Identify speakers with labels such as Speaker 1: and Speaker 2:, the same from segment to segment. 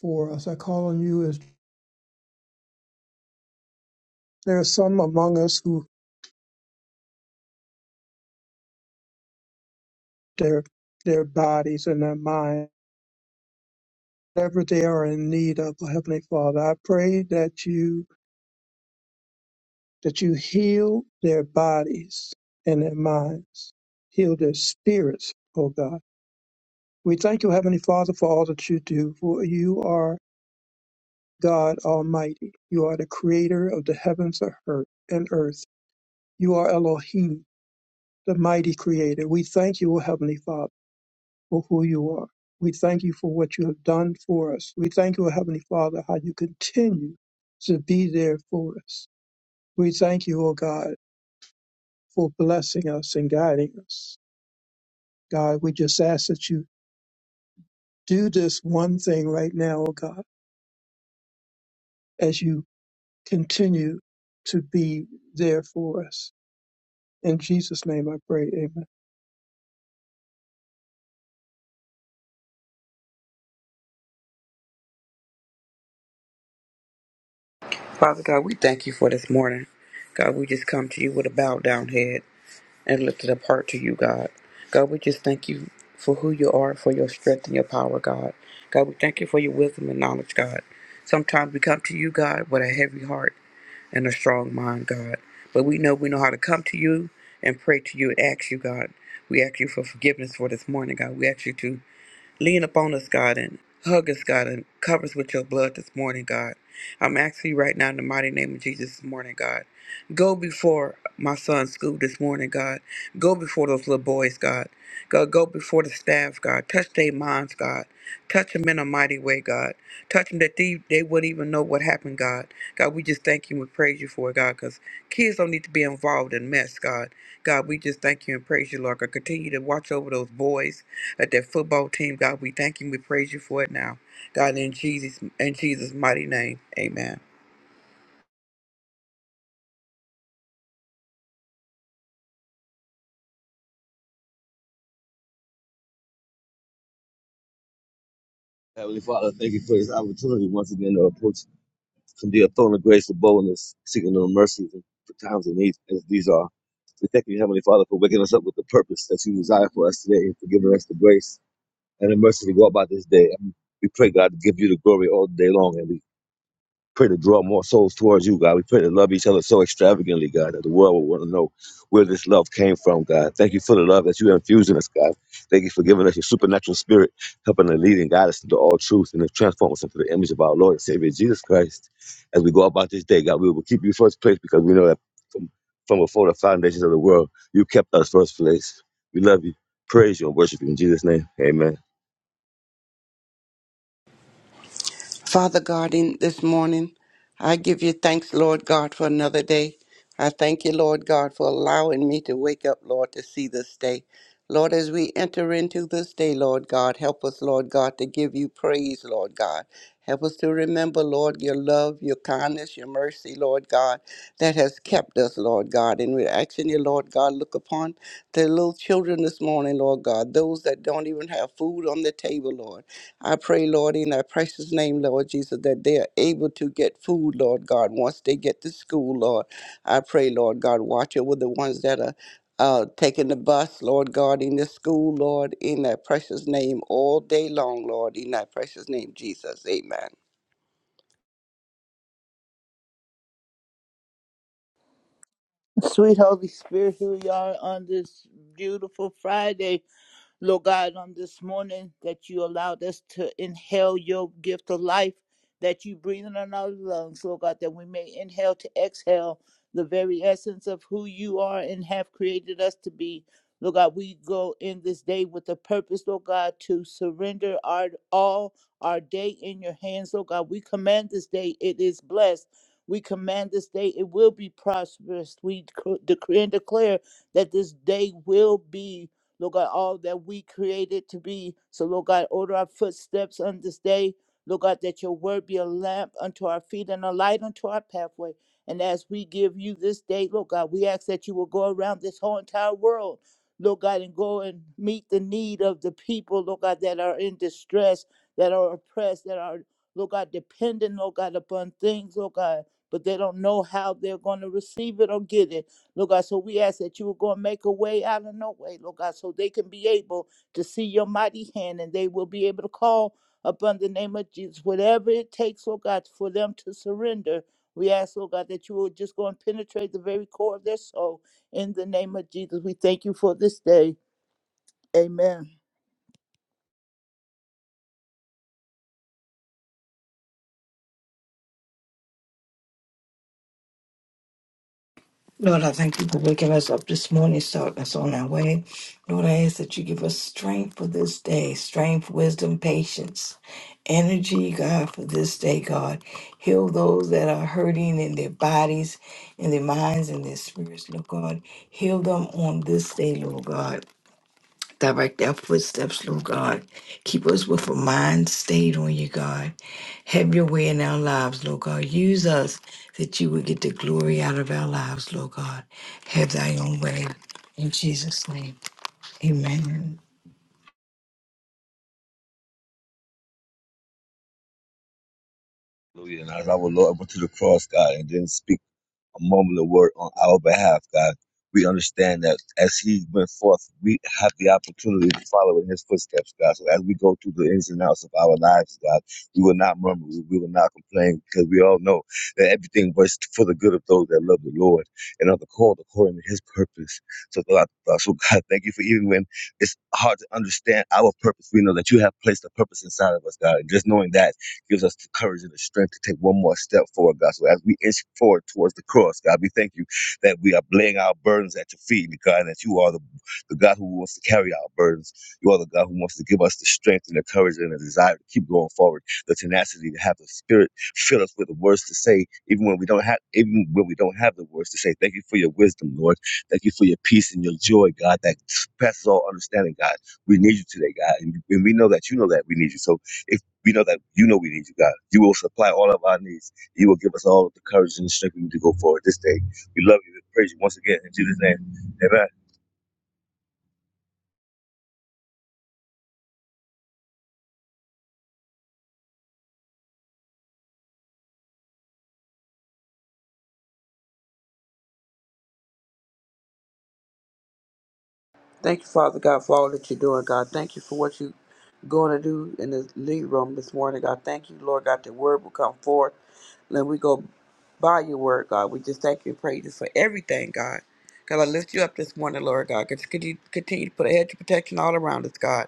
Speaker 1: for us. I call on you as there are some among us who their their bodies and their mind, whatever they are in need of, oh Heavenly Father. I pray that you that you heal their bodies and their minds, heal their spirits, oh God. We thank you, Heavenly Father, for all that you do, for you are God Almighty. You are the creator of the heavens and earth. and earth. You are Elohim, the mighty creator. We thank you, O Heavenly Father. for who you are. We thank you for what you have done for us. We thank you, O Heavenly Father, how you continue to be there for us. We thank you, O God, for blessing us and guiding us. God, we just ask that you do this one thing right now, O God, as you continue to be there for us. In Jesus' name I pray, amen.
Speaker 2: Father God, we thank you for this morning. God, we just come to you with a bowed down head and lifted up heart to you, God. God, we just thank you for who you are, for your strength and your power, God. God, we thank you for your wisdom and knowledge, God. Sometimes we come to you, God, with a heavy heart and a strong mind, God. But we know we know how to come to you and pray to you and ask you, God. We ask you for forgiveness for this morning, God. We ask you to Lean upon us, God, and hug us, God, and cover us with your blood this morning, God. I'm asking you right now in the mighty name of Jesus this morning, God. Go before my son's school this morning, God. Go before those little boys, God. God, go before the staff, God. Touch their minds, God. Touch them in a mighty way, God. Touch them that they, they wouldn't even know what happened, God. God, we just thank you and praise you for it, God, because kids don't need to be involved in mess, God. God, we just thank you and praise you, Lord. God, continue to watch over those boys at that football team, God. We thank you and we praise you for it now. God, in Jesus, in Jesus' mighty name, amen.
Speaker 3: Heavenly Father, thank you for this opportunity once again to approach from the throne of grace with boldness, seeking your mercies and for times of need as these are. We thank you, Heavenly Father, for waking us up with the purpose that you desire for us today and for giving us the grace and the mercy to go about this day. And we pray, God, to give you the glory all day long. And we Pray to draw more souls towards you, God. We pray to love each other so extravagantly, God, that the world will want to know where this love came from, God. Thank you for the love that you infuse in us, God. Thank you for giving us your supernatural spirit, helping to lead and guide us into all truth and to transform us into the image of our Lord and Savior Jesus Christ. As we go about this day, God, we will keep you first place because we know that from, from before the foundations of the world, you kept us first place. We love you, praise you, and worship you in Jesus' name. Amen.
Speaker 4: Father God, in this morning, I give you thanks, Lord God, for another day. I thank you, Lord God, for allowing me to wake up, Lord, to see this day. Lord, as we enter into this day, Lord God, help us, Lord God, to give you praise, Lord God. Help us to remember, Lord, your love, your kindness, your mercy, Lord God, that has kept us, Lord God. And we're asking you, Lord God, look upon the little children this morning, Lord God, those that don't even have food on the table, Lord. I pray, Lord, in thy precious name, Lord Jesus, that they are able to get food, Lord God, once they get to school, Lord. I pray, Lord God, watch over the ones that are uh, taking the bus, Lord God, in the school, Lord, in thy precious name, all day long, Lord, in thy precious name, Jesus. Amen.
Speaker 5: Sweet Holy Spirit, here we are on this beautiful Friday. Lord God, on this morning that you allowed us to inhale your gift of life that you breathe in on our lungs, Lord God, that we may inhale to exhale the very essence of who you are and have created us to be. Lord God, we go in this day with the purpose, Lord God, to surrender our all our day in your hands, Lord God. We command this day, it is blessed. We command this day, it will be prosperous. We dec- decree and declare that this day will be Lord God, all that we created to be. So, Lord God, order our footsteps on this day. Lord God, that your word be a lamp unto our feet and a light unto our pathway. And as we give you this day, Lord God, we ask that you will go around this whole entire world, Lord God, and go and meet the need of the people, Lord God, that are in distress, that are oppressed, that are, Lord God, dependent, Lord God, upon things, Lord God, but they don't know how they're going to receive it or get it. Lord God, so we ask that you are going to make a way out of no way, Lord God, so they can be able to see your mighty hand and they will be able to call upon the name of Jesus, whatever it takes, Lord God, for them to surrender. We ask, Lord God, that you will just go and penetrate the very core of their soul. In the name of Jesus, we thank you for this day. Amen.
Speaker 6: Lord, I thank you for waking us up this morning, starting us on our way. Lord, I ask that you give us strength for this day, strength, wisdom, patience, energy, God, for this day, God. Heal those that are hurting in their bodies, in their minds, in their spirits, Lord God. Heal them on this day, Lord God. Direct our footsteps, Lord God. Keep us with a mind stayed on you, God. Have your way in our lives, Lord God. Use us that you would get the glory out of our lives, Lord God. Have thy own way. In Jesus' name, amen.
Speaker 3: Hallelujah. And as our Lord went to the cross, God, and didn't speak. a moment of word on our behalf, God. We understand that as He went forth, we have the opportunity to follow in His footsteps, God. So as we go through the ins and outs of our lives, God, we will not murmur, we we will not complain, because we all know that everything works for the good of those that love the Lord and are called according to His purpose. So, God, uh, so God, thank you for even when it's hard to understand our purpose. We know that you have placed a purpose inside of us, God. And just knowing that Gives us the courage and the strength to take one more step forward, God. So as we inch forward towards the cross, God, we thank you that we are laying our burdens at your feet, God, and that you are the, the God who wants to carry our burdens. You are the God who wants to give us the strength and the courage and the desire to keep going forward, the tenacity to have the spirit fill us with the words to say, even when we don't have even when we don't have the words to say. Thank you for your wisdom, Lord. Thank you for your peace and your joy, God, that passes all understanding, God. We need you today, God. And, and we know that you know that we need you. So if we know that you know we need you, God. You will supply all of our needs. You will give us all of the courage and the strength we need to go forward this day. We love you and praise you once again in Jesus' name. Amen.
Speaker 2: Thank you, Father God, for all that you're doing, God. Thank you for what you're going to do in the lead room this morning, God. Thank you, Lord God, the word will come forth. Let we go by your word, God. We just thank you and praise you for everything, God. God, I lift you up this morning, Lord God. Just Continue, continue to put a hedge of protection all around us, God.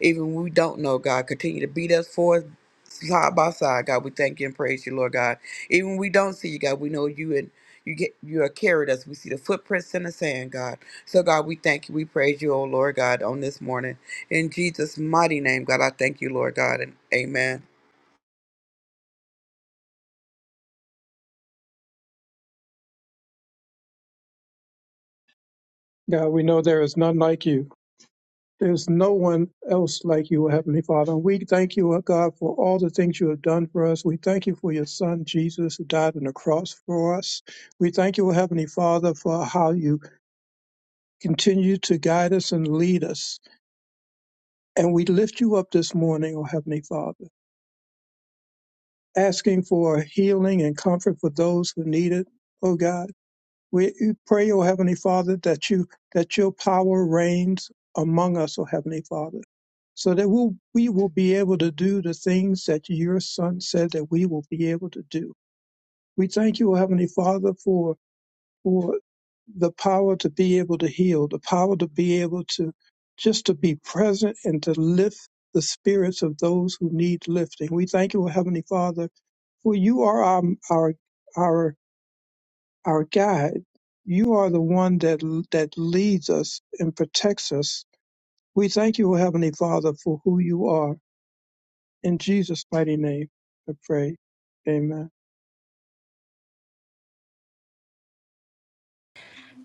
Speaker 2: Even when we don't know, God, continue to beat us for us side by side, God. We thank you and praise you, Lord God. Even when we don't see you, God, we know you and you get you are carried us. We see the footprints in the sand, God. So God, we thank you. We praise you, oh Lord God, on this morning. In Jesus' mighty name, God, I thank you, Lord God, and amen.
Speaker 1: God, we know there is none like you. There's no one else like you, Heavenly Father. And we thank you, O God, for all the things you have done for us. We thank you for your Son, Jesus, who died on the cross for us. We thank you, O Heavenly Father, for how you continue to guide us and lead us. And we lift you up this morning, O Heavenly Father, asking for healing and comfort for those who need it, O God. We pray, O Heavenly Father, that you that your power reigns among us, O Heavenly Father, so that we'll, we will be able to do the things that your Son said that we will be able to do. We thank you, O Heavenly Father, for for the power to be able to heal, the power to be able to just to be present and to lift the spirits of those who need lifting. We thank you, O Heavenly Father, for you are our our, our our guide. You are the one that that leads us and protects us. We thank you, O Heavenly Father, for who you are. In Jesus' mighty name, I pray. Amen.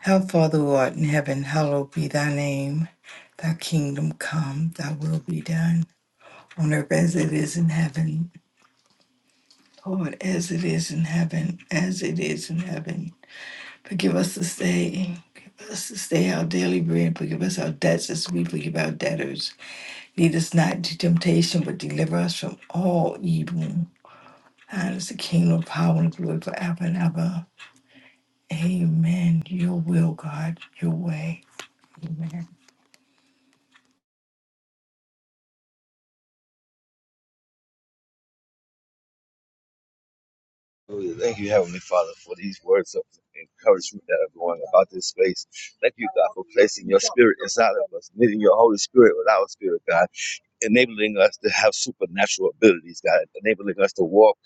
Speaker 6: Our Father who art in heaven, hallowed be thy name. Thy kingdom come, thy will be done on earth as it is in heaven. Lord, as it is in heaven, as it is in heaven. Forgive us this day. Forgive us this day our daily bread. Forgive us our debts as we forgive our debtors. Lead us not into temptation, but deliver us from all evil. Thine is the kingdom, power, and glory forever and ever. Amen. Your will, God, your way. Amen.
Speaker 3: Hallelujah. Thank you, Heavenly Father, for these words of encouragement that are going about this space. Thank you, God, for placing your spirit inside of us, knitting your Holy Spirit with our spirit, God. enabling us to have supernatural abilities, God, enabling us to walk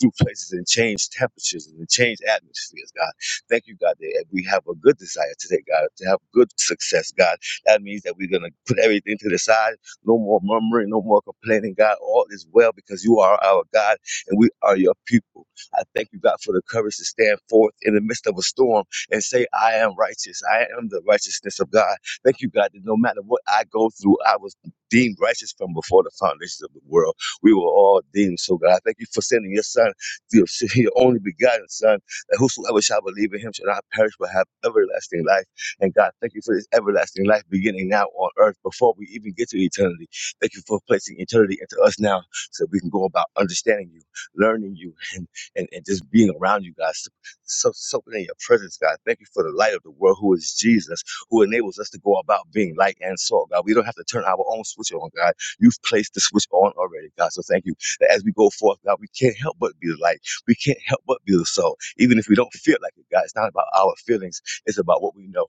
Speaker 3: through places and change temperatures and change atmospheres, God. Thank you, God, that we have a good desire today, God, to have good success, God. That means that we're going to put everything to the side. No more murmuring, no more complaining, God. All is well because you are our God and we are your people. I thank you, God, for the courage to stand forth in the midst of a storm and say, I am righteous. I am the righteousness of God. Thank you, God, that no matter what I go through, I was deemed righteous from before the foundations of the world. We were all deemed so, God. I thank you for sending your son, your your only begotten son, that whosoever shall believe in him shall not perish but have everlasting life. And God, thank you for this everlasting life beginning now on earth before we even get to eternity. Thank you for placing eternity into us now so that we can go about understanding you, learning you, and, and, and just being around you, God. So, so, soaking in your presence, God. Thank you for the light of the world who is Jesus who enables us to go about being light and salt, God. We don't have to turn our own switch on, God. You've placed the switch on already, God. So thank you that as we go forth, God, we can't help but be the light. We can't help but be the salt. Even if we don't feel like it, God, it's not about our feelings. It's about what we know.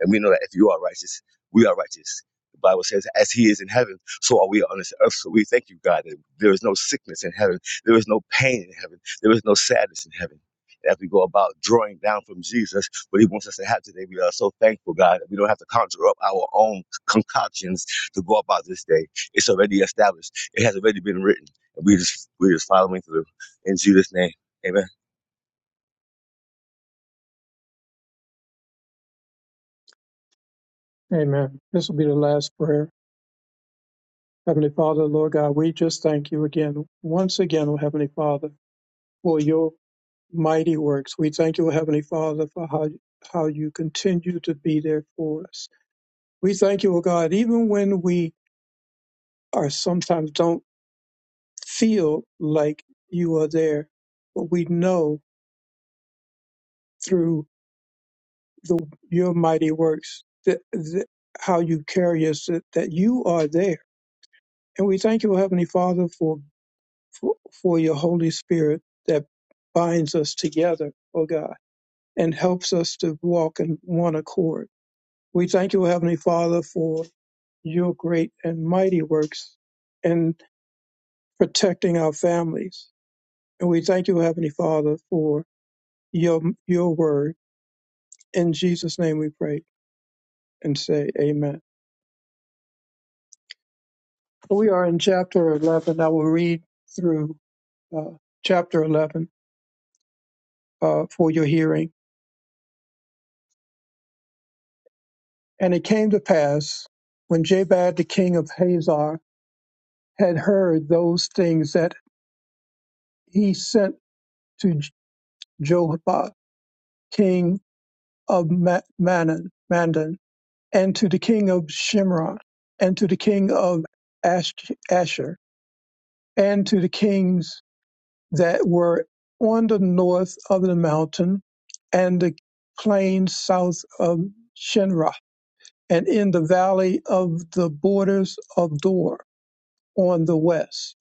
Speaker 3: And we know that if you are righteous, we are righteous. The Bible says, as he is in heaven, so are we on this earth. So we thank you, God, that there is no sickness in heaven. There is no pain in heaven. There is no sadness in heaven. And As we go about drawing down from Jesus what he wants us to have today, we are so thankful, God, that we don't have to conjure up our own concoctions to go about this day. It's already established. It has already been written. And we just we're just following through. In Jesus' name. Amen.
Speaker 1: Amen. This will be the last prayer. Heavenly Father, Lord God, we just thank you again, once again, O Heavenly Father, for your mighty works. We thank you, O Heavenly Father, for how how you continue to be there for us. We thank you, O God, even when we are sometimes don't feel like you are there, but we know through the your mighty works that, that how you carry us that, that you are there. And we thank you, Heavenly Father, for, for for your Holy Spirit that binds us together, oh God, and helps us to walk in one accord. We thank you, Heavenly Father, for your great and mighty works in protecting our families. And we thank you, Heavenly Father, for your your word In Jesus' name we pray and say amen. So We are in chapter 11. I will read through uh, chapter 11 uh, for your hearing. And it came to pass when Jabad the king of Hazar had heard those things that he sent to J- Jobab, king of Ma- Manan, Mandan, and to the king of Shimron, and to the king of Ash- Asher, and to the kings that were on the north of the mountain and the plain south of Shinra, and in the valley of the borders of Dor on the west,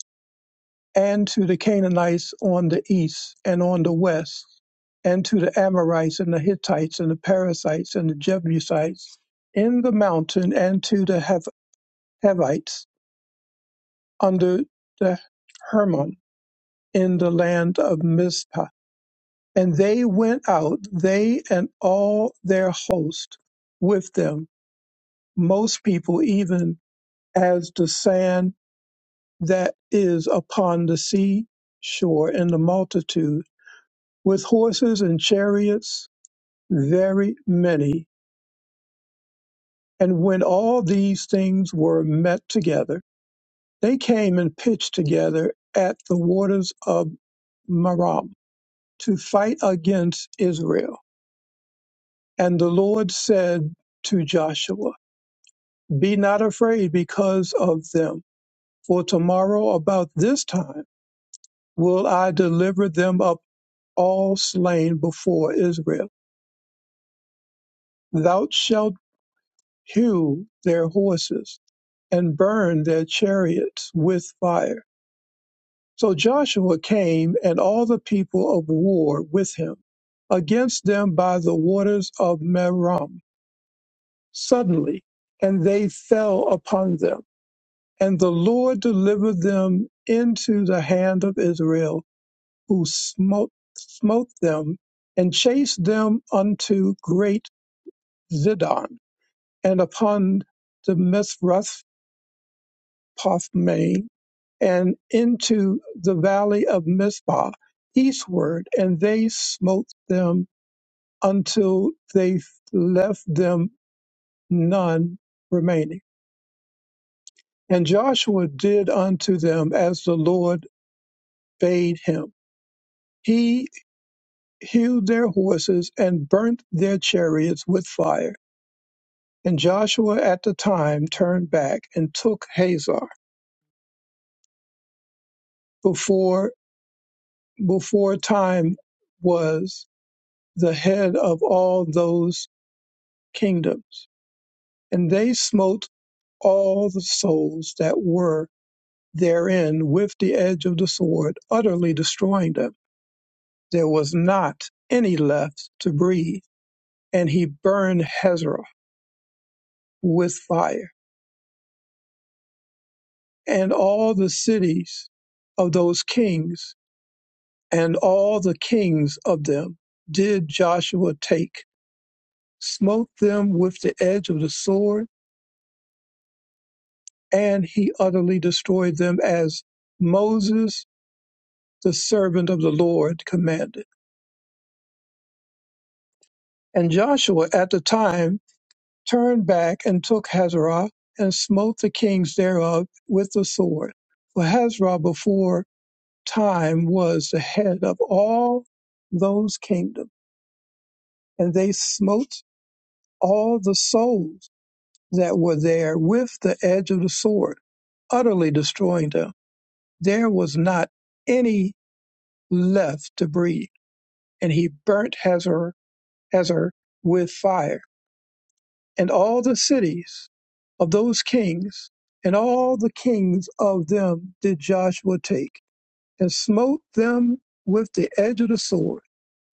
Speaker 1: and to the Canaanites on the east and on the west, and to the Amorites and the Hittites and the Perizzites and the Jebusites in the mountain, and to the Hev- Hevites under the Hermon in the land of Mizpah And they went out, they and all their host with them, most people even as the sand that is upon the sea shore and the multitude, with horses and chariots, very many. And when all these things were met together, they came and pitched together at the waters of Merom to fight against Israel. And the Lord said to Joshua, Be not afraid because of them, for tomorrow about this time will I deliver them up all slain before Israel. Thou shalt hew their horses and burn their chariots with fire. So Joshua came and all the people of war with him against them by the waters of Merom suddenly, and they fell upon them And the Lord delivered them into the hand of Israel, who smote, smote them and chased them unto great Zidon, and upon the Mizrath Pothmain, and into the valley of Mizpah eastward, and they smote them until they left them none remaining. And Joshua did unto them as the Lord bade him. He hewed their horses, and burnt their chariots with fire. And Joshua at the time turned back and took Hazor before before time was the head of all those kingdoms. And they smote all the souls that were therein with the edge of the sword, utterly destroying them. There was not any left to breathe, and he burned Hazor with fire and all the cities of those kings and all the kings of them did Joshua take, smote them with the edge of the sword, and he utterly destroyed them as Moses, the servant of the Lord, commanded. And Joshua at the time turned back and took Hazarah and smote the kings thereof with the sword. For Hazarah before time was the head of all those kingdoms and they smote all the souls that were there with the edge of the sword, utterly destroying them. There was not any left to breathe, and he burnt Hazor, Hazor with fire, and all the cities of those kings, and all the kings of them did Joshua take, and smote them with the edge of the sword,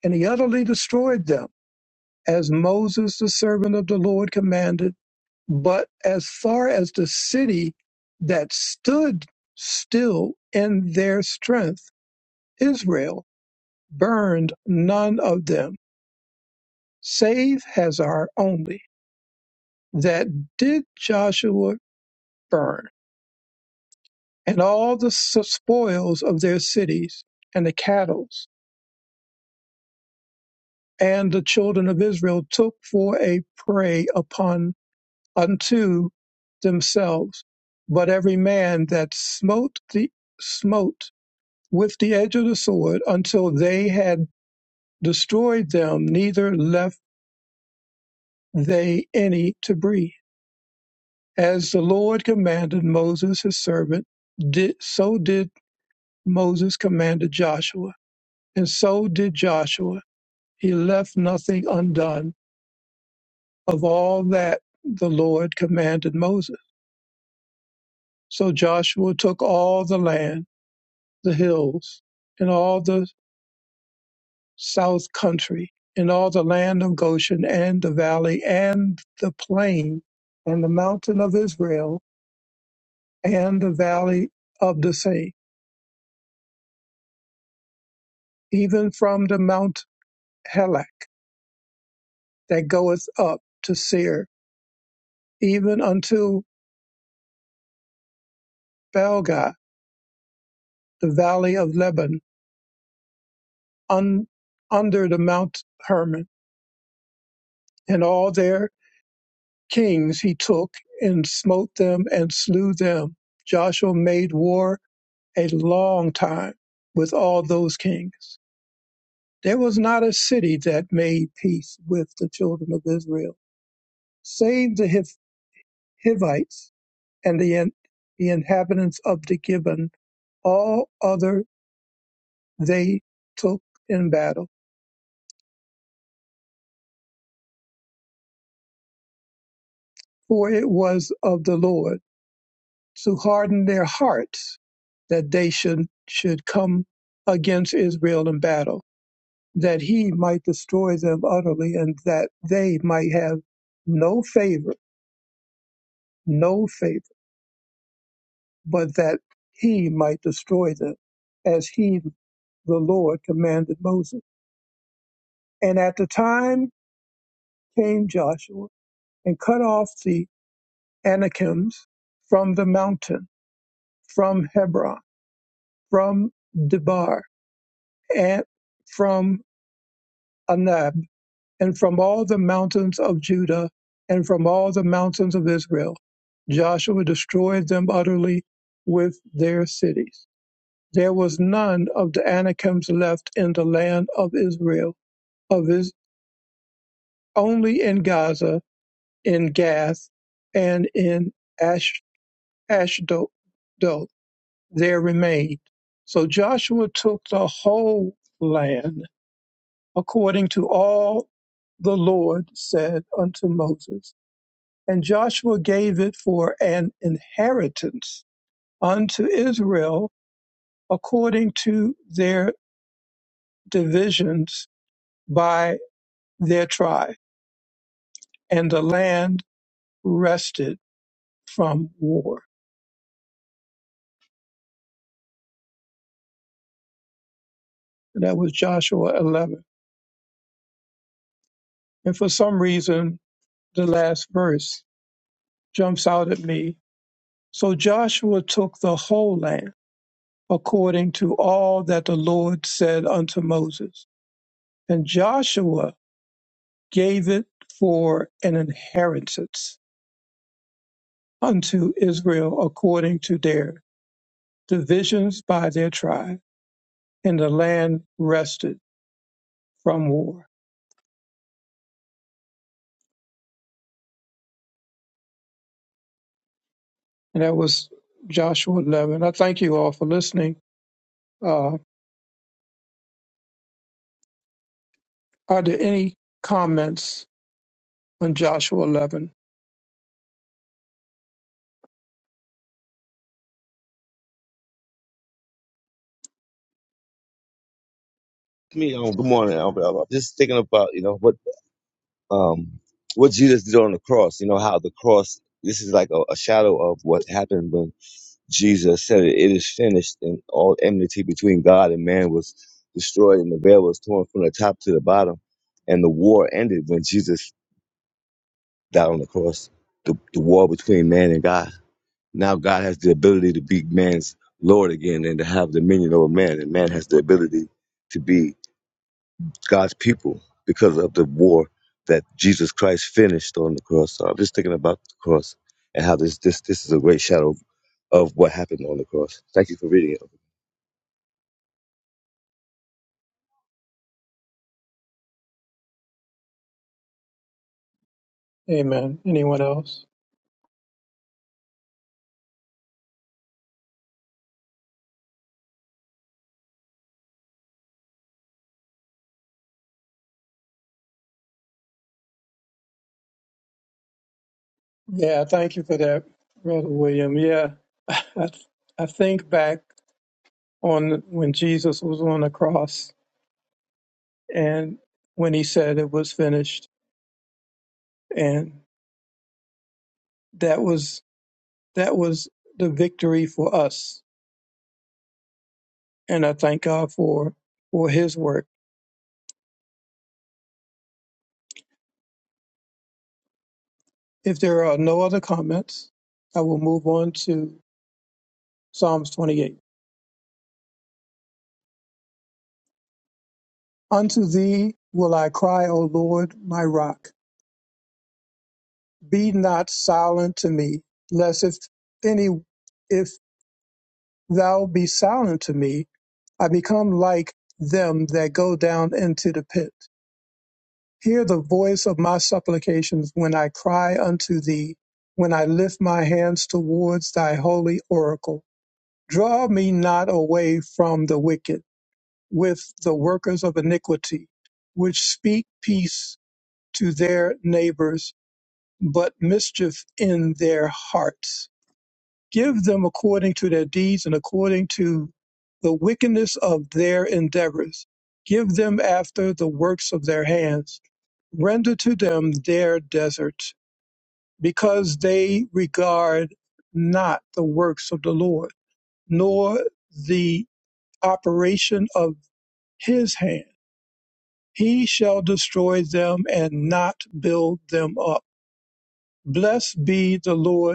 Speaker 1: and he utterly destroyed them, as Moses the servant of the Lord commanded But as far as the city that stood still in their strength, Israel burned none of them, save Hazar only. That did Joshua burn, and all the spoils of their cities, and the cattle, and the children of Israel took for a prey upon unto themselves. But every man that smote the smote with the edge of the sword until they had destroyed them, neither left they any to breathe. As the Lord commanded Moses his servant, did, so did Moses commanded Joshua, and so did Joshua. He left nothing undone of all that the Lord commanded Moses. So Joshua took all the land, the hills, and all the south country, and all the land of Goshen, and the valley, and the plain, and the mountain of Israel, and the valley of the same, even from the mount Helak that goeth up to Seir, even unto Belga, the valley of Lebanon, un, under the mount Hermon, and all their kings he took and smote them and slew them. Joshua made war a long time with all those kings. There was not a city that made peace with the children of Israel, save the Hiv- Hivites and the, in- the inhabitants of the Gibbon. All other they took in battle, for it was of the Lord to harden their hearts that they should, should come against Israel in battle, that he might destroy them utterly and that they might have no favor no favor, but that he might destroy them, as he, the Lord, commanded Moses. And at the time came Joshua and cut off the Anakims from the mountain, from Hebron, from Debar, and from Anab, and from all the mountains of Judah, and from all the mountains of Israel. Joshua destroyed them utterly with their cities There was none of the Anakims left in the land of Israel, of his, only in Gaza, in Gath, and in Ash, Ashdod there remained. So Joshua took the whole land according to all the Lord said unto Moses. And Joshua gave it for an inheritance unto Israel according to their divisions by. their tribe, and the land rested from war. That was Joshua 11. And for some reason, the last verse jumps out at me. So Joshua took the whole land according to all that the Lord said unto Moses. And Joshua gave it for an inheritance unto Israel according to their divisions by their tribe. And the land rested from war. and that was Joshua 11. I thank you all for listening. Uh, are there any comments on Joshua 11?
Speaker 3: Me, um, good morning, Albert. I'm just thinking about, you know, what um, what Jesus did on the cross. You know how the cross. This is like a, a shadow of what happened when Jesus said, "It is finished," and all enmity between God and man was destroyed, and the veil was torn from the top to the bottom, and the war ended when Jesus died on the cross. The, the war between man and God. Now God has the ability to be man's Lord again and to have dominion over man, and man has the ability to be God's people because of the war that Jesus Christ finished on the cross. So I'm just thinking about the cross and how this this this is a great shadow of what happened on the cross. Thank you for reading
Speaker 1: Amen. Anyone else? Yeah, thank you for that, Brother William. Yeah, I, I think back on when Jesus was on the cross and when he said it was finished, and that was that was the victory for us. And I thank God for for His work. If there are no other comments, I will move on to Psalms 28. Unto thee will I cry, O Lord, my rock. Be not silent to me, lest if any, if thou be silent to me, I become like them that go down into the pit. Hear the voice of my supplications when I cry unto thee, when I lift my hands towards thy holy oracle. Draw me not away from the wicked, with the workers of iniquity, which speak peace to their neighbors, but mischief in their hearts. Give them according to their deeds and according to the wickedness of their endeavors. Give them after the works of their hands. Render to them their deserts, because they regard not the works of the Lord, nor the operation of his hand. He shall destroy them and not build them up. Blessed be the Lord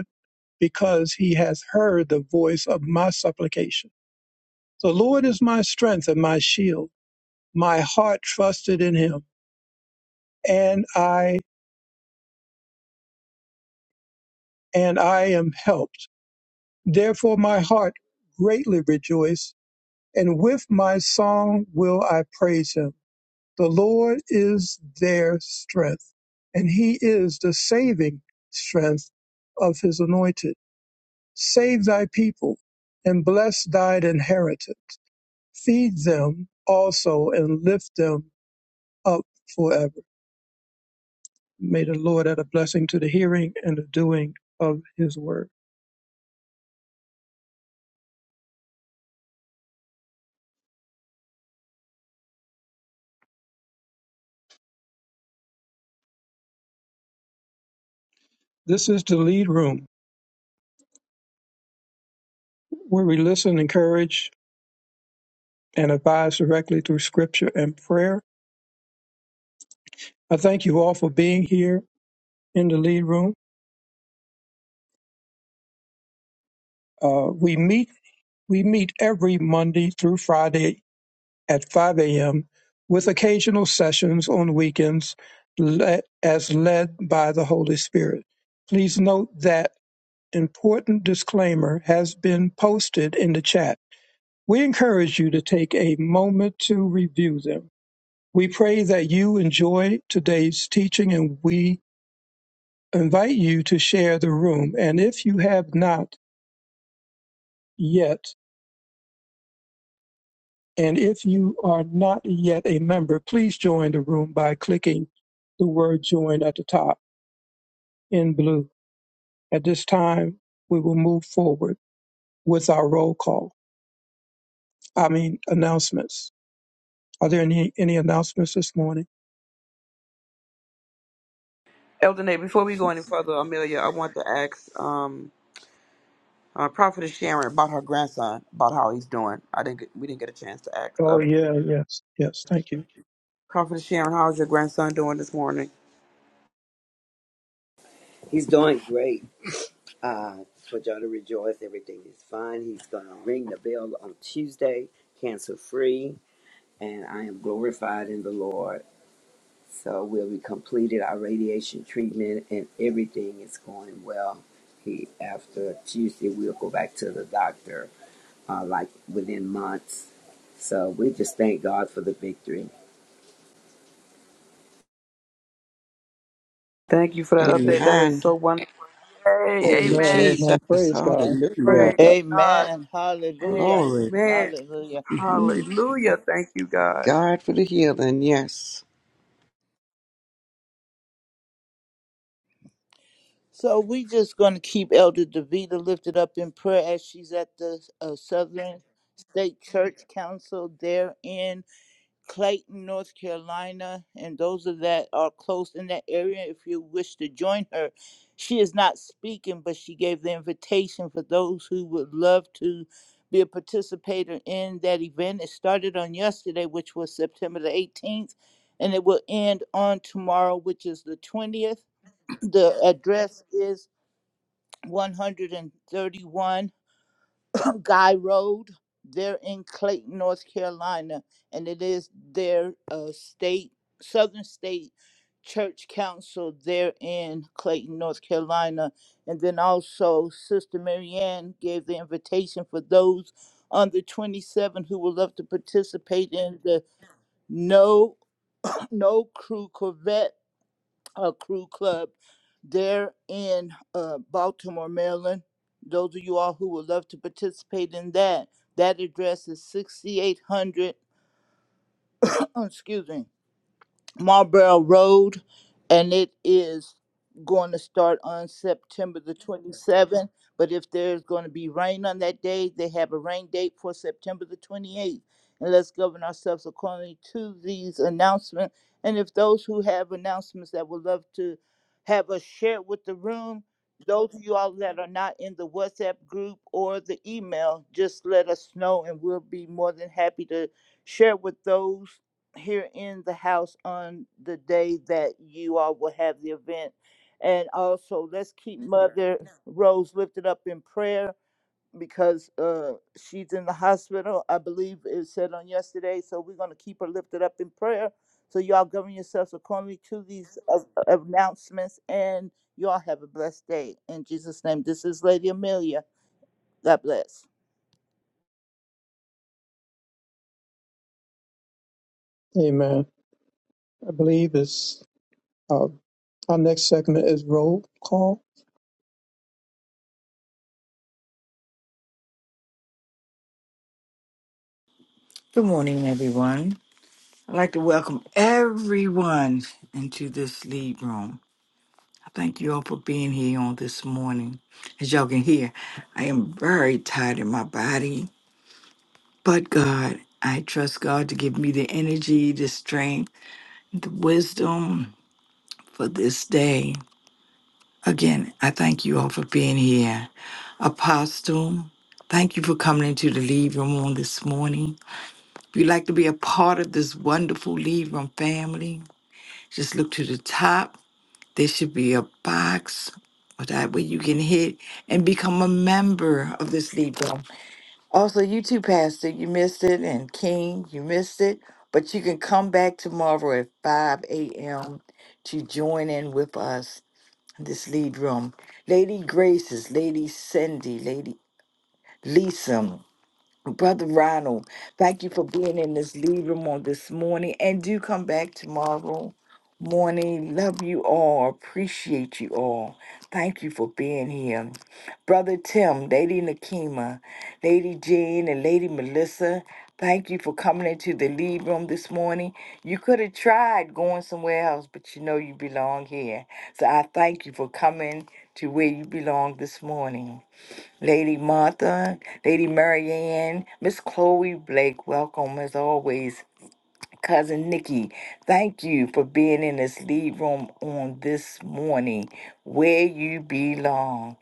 Speaker 1: because he has heard the voice of my supplication. The Lord is my strength and my shield. My heart trusted in him, and I and I am helped. Therefore my heart greatly rejoiced, and with my song will I praise him. The Lord is their strength, and he is the saving strength of his anointed. Save thy people and bless thine inheritance Feed them also and lift them up forever. May the Lord add a blessing to the hearing and the doing of his word. This is the lead room where we listen, encourage, and advise directly through scripture and prayer. I thank you all for being here in the lead room. Uh, we meet we meet every Monday through Friday at 5 a.m. with occasional sessions on weekends le- as led by the Holy Spirit. Please note that important disclaimer has been posted in the chat. We encourage you to take a moment to review them. We pray that you enjoy today's teaching and we invite you to share the room. And if you have not yet, and if you are not yet a member, please join the room by clicking the word join at the top in blue. At this time, we will move forward with our roll call, I mean, announcements. Are there any, any announcements this morning?
Speaker 2: Elder Nate, before we go any further, Amelia, I want to ask um uh, Prophetess Sharon about her grandson, about how he's doing. I didn't get, we didn't get a chance to ask. Uh,
Speaker 1: Oh, yeah, yes. Yes, thank you.
Speaker 2: Prophetess Sharon, how's your grandson doing this morning?
Speaker 7: He's doing great. Uh, for y'all to rejoice, everything is fine. He's gonna ring the bell on Tuesday, cancer free, and I am glorified in the Lord. So we'll be completed our radiation treatment, and everything is going well. He after Tuesday, we'll go back to the doctor, uh, like within months. So we just thank God for the victory.
Speaker 2: Thank you for that update. That is so
Speaker 4: Amen.
Speaker 2: wonderful.
Speaker 4: Thank
Speaker 2: Hey,
Speaker 4: you,
Speaker 1: Amen.
Speaker 2: amen.
Speaker 1: Amen.
Speaker 4: Jesus.
Speaker 1: Praise God. Praise
Speaker 4: Hallelujah.
Speaker 2: Praise
Speaker 1: God.
Speaker 2: God.
Speaker 5: Amen. Hallelujah.
Speaker 4: Glory.
Speaker 2: Amen.
Speaker 5: Hallelujah.
Speaker 4: Mhm.
Speaker 2: Hallelujah. Thank you, God.
Speaker 4: God for the healing. Yes.
Speaker 5: So we just going to keep Elder Davida lifted up in prayer as she's at the uh, Southern State Church Council there in Clayton, North Carolina. And those of that are close in that area, if you wish to join her, she is not speaking, but she gave the invitation for those who would love to be a participator in that event. It started on yesterday, which was September the 18th, and it will end on tomorrow, which is the 20th. The address is 131 Guy Road. They're in Clayton, North Carolina, and it is their uh, state, Southern State Church Council. They're in Clayton, North Carolina. And then also, Sister Marianne gave the invitation for those on the 27 who would love to participate in the No No Crew Corvette uh, crew club there in uh, Baltimore, Maryland. Those of you all who would love to participate in that, that address is 6800, excuse me, Marlborough Road, and it is going to start on September the 27th. But if there's going to be rain on that day, they have a rain date for September the 28th. And let's govern ourselves accordingly to these announcements. And if those who have announcements that would love to have us share with the room, those of you all that are not in the WhatsApp group or the email, just let us know and we'll be more than happy to share with those here in the house on the day that you all will have the event. And also, let's keep Mhm. Mother Rose lifted up in prayer because uh, she's in the hospital. I believe it said on yesterday. So we're going to keep her lifted up in prayer. So y'all govern yourselves accordingly to these a- announcements. And y'all have a blessed day. In Jesus' name, this is Lady Amelia. God bless.
Speaker 1: Amen. I believe it's uh, our next segment is roll call.
Speaker 6: Good morning, everyone. I'd like to welcome everyone into this lead room. I thank you all for being here on this morning. As y'all can hear, I am very tired in my body, but God, I trust God to give me the energy, the strength, the wisdom for this day. Again, I thank you all for being here. Apostle, thank you for coming into the Lead Room on this morning. If you'd like to be a part of this wonderful Lead Room family, just look to the top. There should be a box or that way you can hit and become a member of this Lead Room. Also, you too, Pastor, you missed it, and King, you missed it, but you can come back tomorrow at 5 a.m. to join in with us this lead room. Lady Graces, Lady Cindy, Lady Lisa, Brother Ronald, thank you for being in this lead room on this morning and do come back tomorrow morning. Love you all. Appreciate you all. Thank you for being here. Brother Tim, Lady Nakima, Lady Jean, and Lady Melissa, thank you for coming into the lead room this morning. You could have tried going somewhere else, but you know you belong here. So I thank you for coming to where you belong this morning. Lady Martha, Lady Marianne, Miss Chloe Blake, welcome as always. Cousin Nikki, thank you for being in this lead room on this morning where you belong.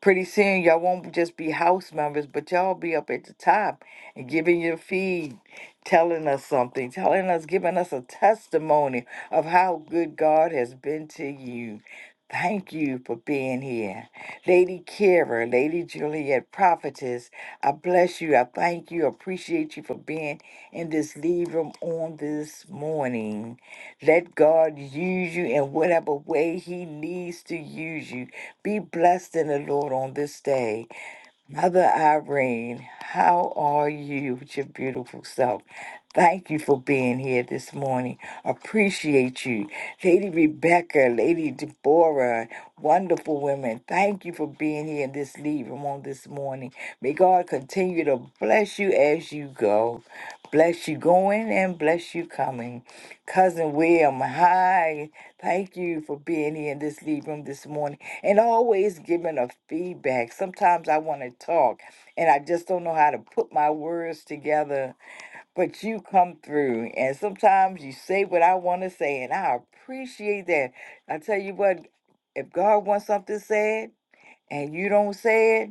Speaker 6: Pretty soon, y'all won't just be house members, but y'all be up at the top and giving your feed, telling us something, telling us, giving us a testimony of how good God has been to you. Thank you for being here. Lady Kira, Lady Juliet, prophetess, I bless you. I thank you. Appreciate you for being in this lead room on this morning. Let God use you in whatever way He needs to use you. Be blessed in the Lord on this day. Mother Irene, how are you with your beautiful self? Thank you for being here this morning. Appreciate you. Lady Rebecca, Lady Deborah, wonderful women. Thank you for being here in this lead room on this morning. May God continue to bless you as you go. Bless you going and bless you coming. Cousin William, hi. Thank you for being here in this lead room this morning and always giving a feedback. Sometimes I want to talk and I just don't know how to put my words together, but you come through and sometimes you say what I want to say and I appreciate that. I tell you what, if God wants something said and you don't say it,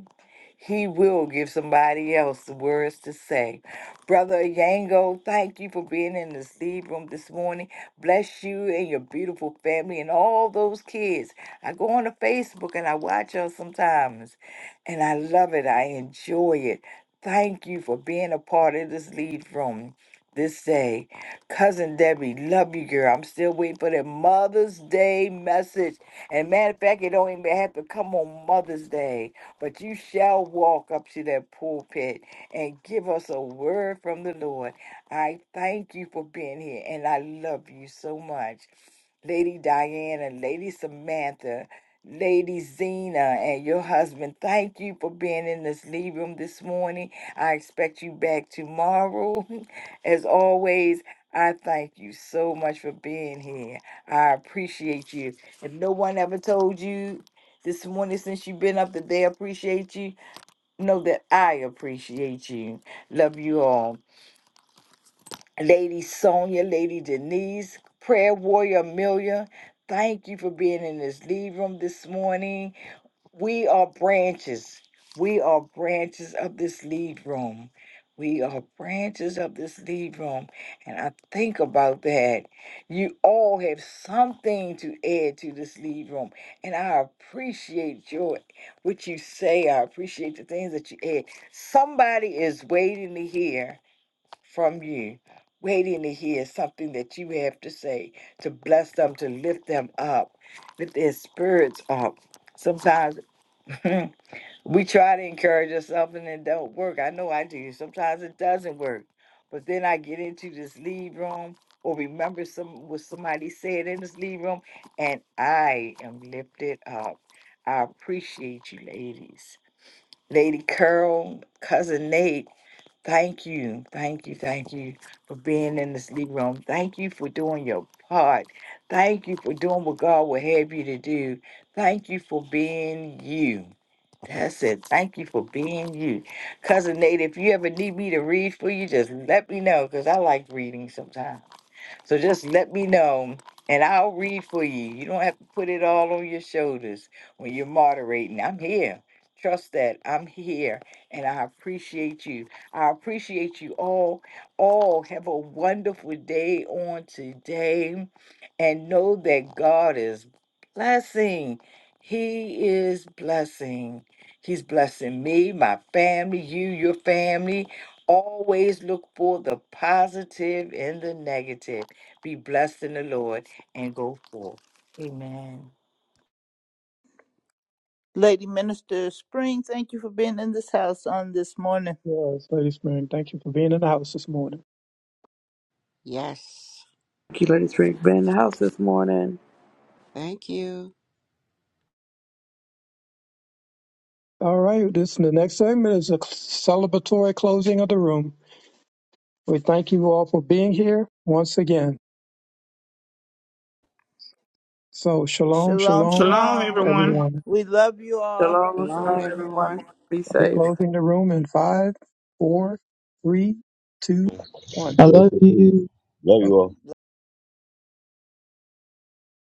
Speaker 6: he will give somebody else the words to say. Brother Yango, thank you for being in the sleep room this morning. Bless you and your beautiful family and all those kids. I go on to Facebook and I watch her sometimes, and I love it. I enjoy it. Thank you for being a part of this lead room this day. Cousin Debbie, love you, girl. I'm still waiting for that Mother's Day message. And matter of fact, it don't even have to come on Mother's Day but you shall walk up to that pulpit and give us a word from the Lord. I thank you for being here, and I love you so much. Lady Diana, Lady Samantha, Lady Zena, and your husband, thank you for being in this leave room this morning. I expect you back tomorrow. As always, I thank you so much for being here. I appreciate you. If no one ever told you, this morning since you've been up today. Appreciate you. Know that I appreciate you. Love you all. Lady Sonia, Lady Denise, Prayer Warrior Amelia, thank you for being in this lead room this morning. We are branches. We are branches of this lead room. We are branches of this lead room. And I think about that. You all have something to add to this lead room. And I appreciate your what you say. I appreciate the things that you add. Somebody is waiting to hear from you, waiting to hear something that you have to say to bless them, to lift them up, lift their spirits up. Sometimes. Mm. we try to encourage ourselves and it don't work. I know I do. Sometimes it doesn't work. But then I get into this lead room or remember some what somebody said in this lead room and I am lifted up. I appreciate you ladies. Lady Curl, cousin Nate. Thank you, thank you, thank you for being in this league room. Thank you for doing your part. Thank you for doing what God will have you to do. Thank you for being you. That's it. Thank you for being you. Cousin Nate, if you ever need me to read for you, just let me know because I like reading sometimes. So just let me know and I'll read for you. You don't have to put it all on your shoulders when you're moderating. I'm here. Trust that I'm here and I appreciate you. I appreciate you all. All have a wonderful day on today and know that God is blessing. He is blessing. He's blessing me, my family, you, your family. Always look for the positive and the negative be blessed in the Lord and go forth. Amen.
Speaker 5: Lady Minister Spring, thank you for being in this house on this morning.
Speaker 1: Yes, ladies and gentlemen, thank you for being in the house this morning.
Speaker 4: Yes.
Speaker 2: Thank you, Lady Spring, for being in the house this morning.
Speaker 4: Thank you.
Speaker 1: All right, this the next segment is a celebratory closing of the room. We thank you all for being here once again. So shalom,
Speaker 5: Shalom,
Speaker 1: shalom,
Speaker 8: Shalom,
Speaker 5: shalom.
Speaker 8: everyone.
Speaker 1: everyone.
Speaker 5: We love you all.
Speaker 2: Shalom,
Speaker 4: Shalom,
Speaker 2: shalom,
Speaker 4: everyone.
Speaker 2: everyone. Be
Speaker 1: I'll be
Speaker 2: safe.
Speaker 1: closing the room in five, four, three, two,
Speaker 3: it.
Speaker 1: one.
Speaker 9: I love you.
Speaker 3: Love you all.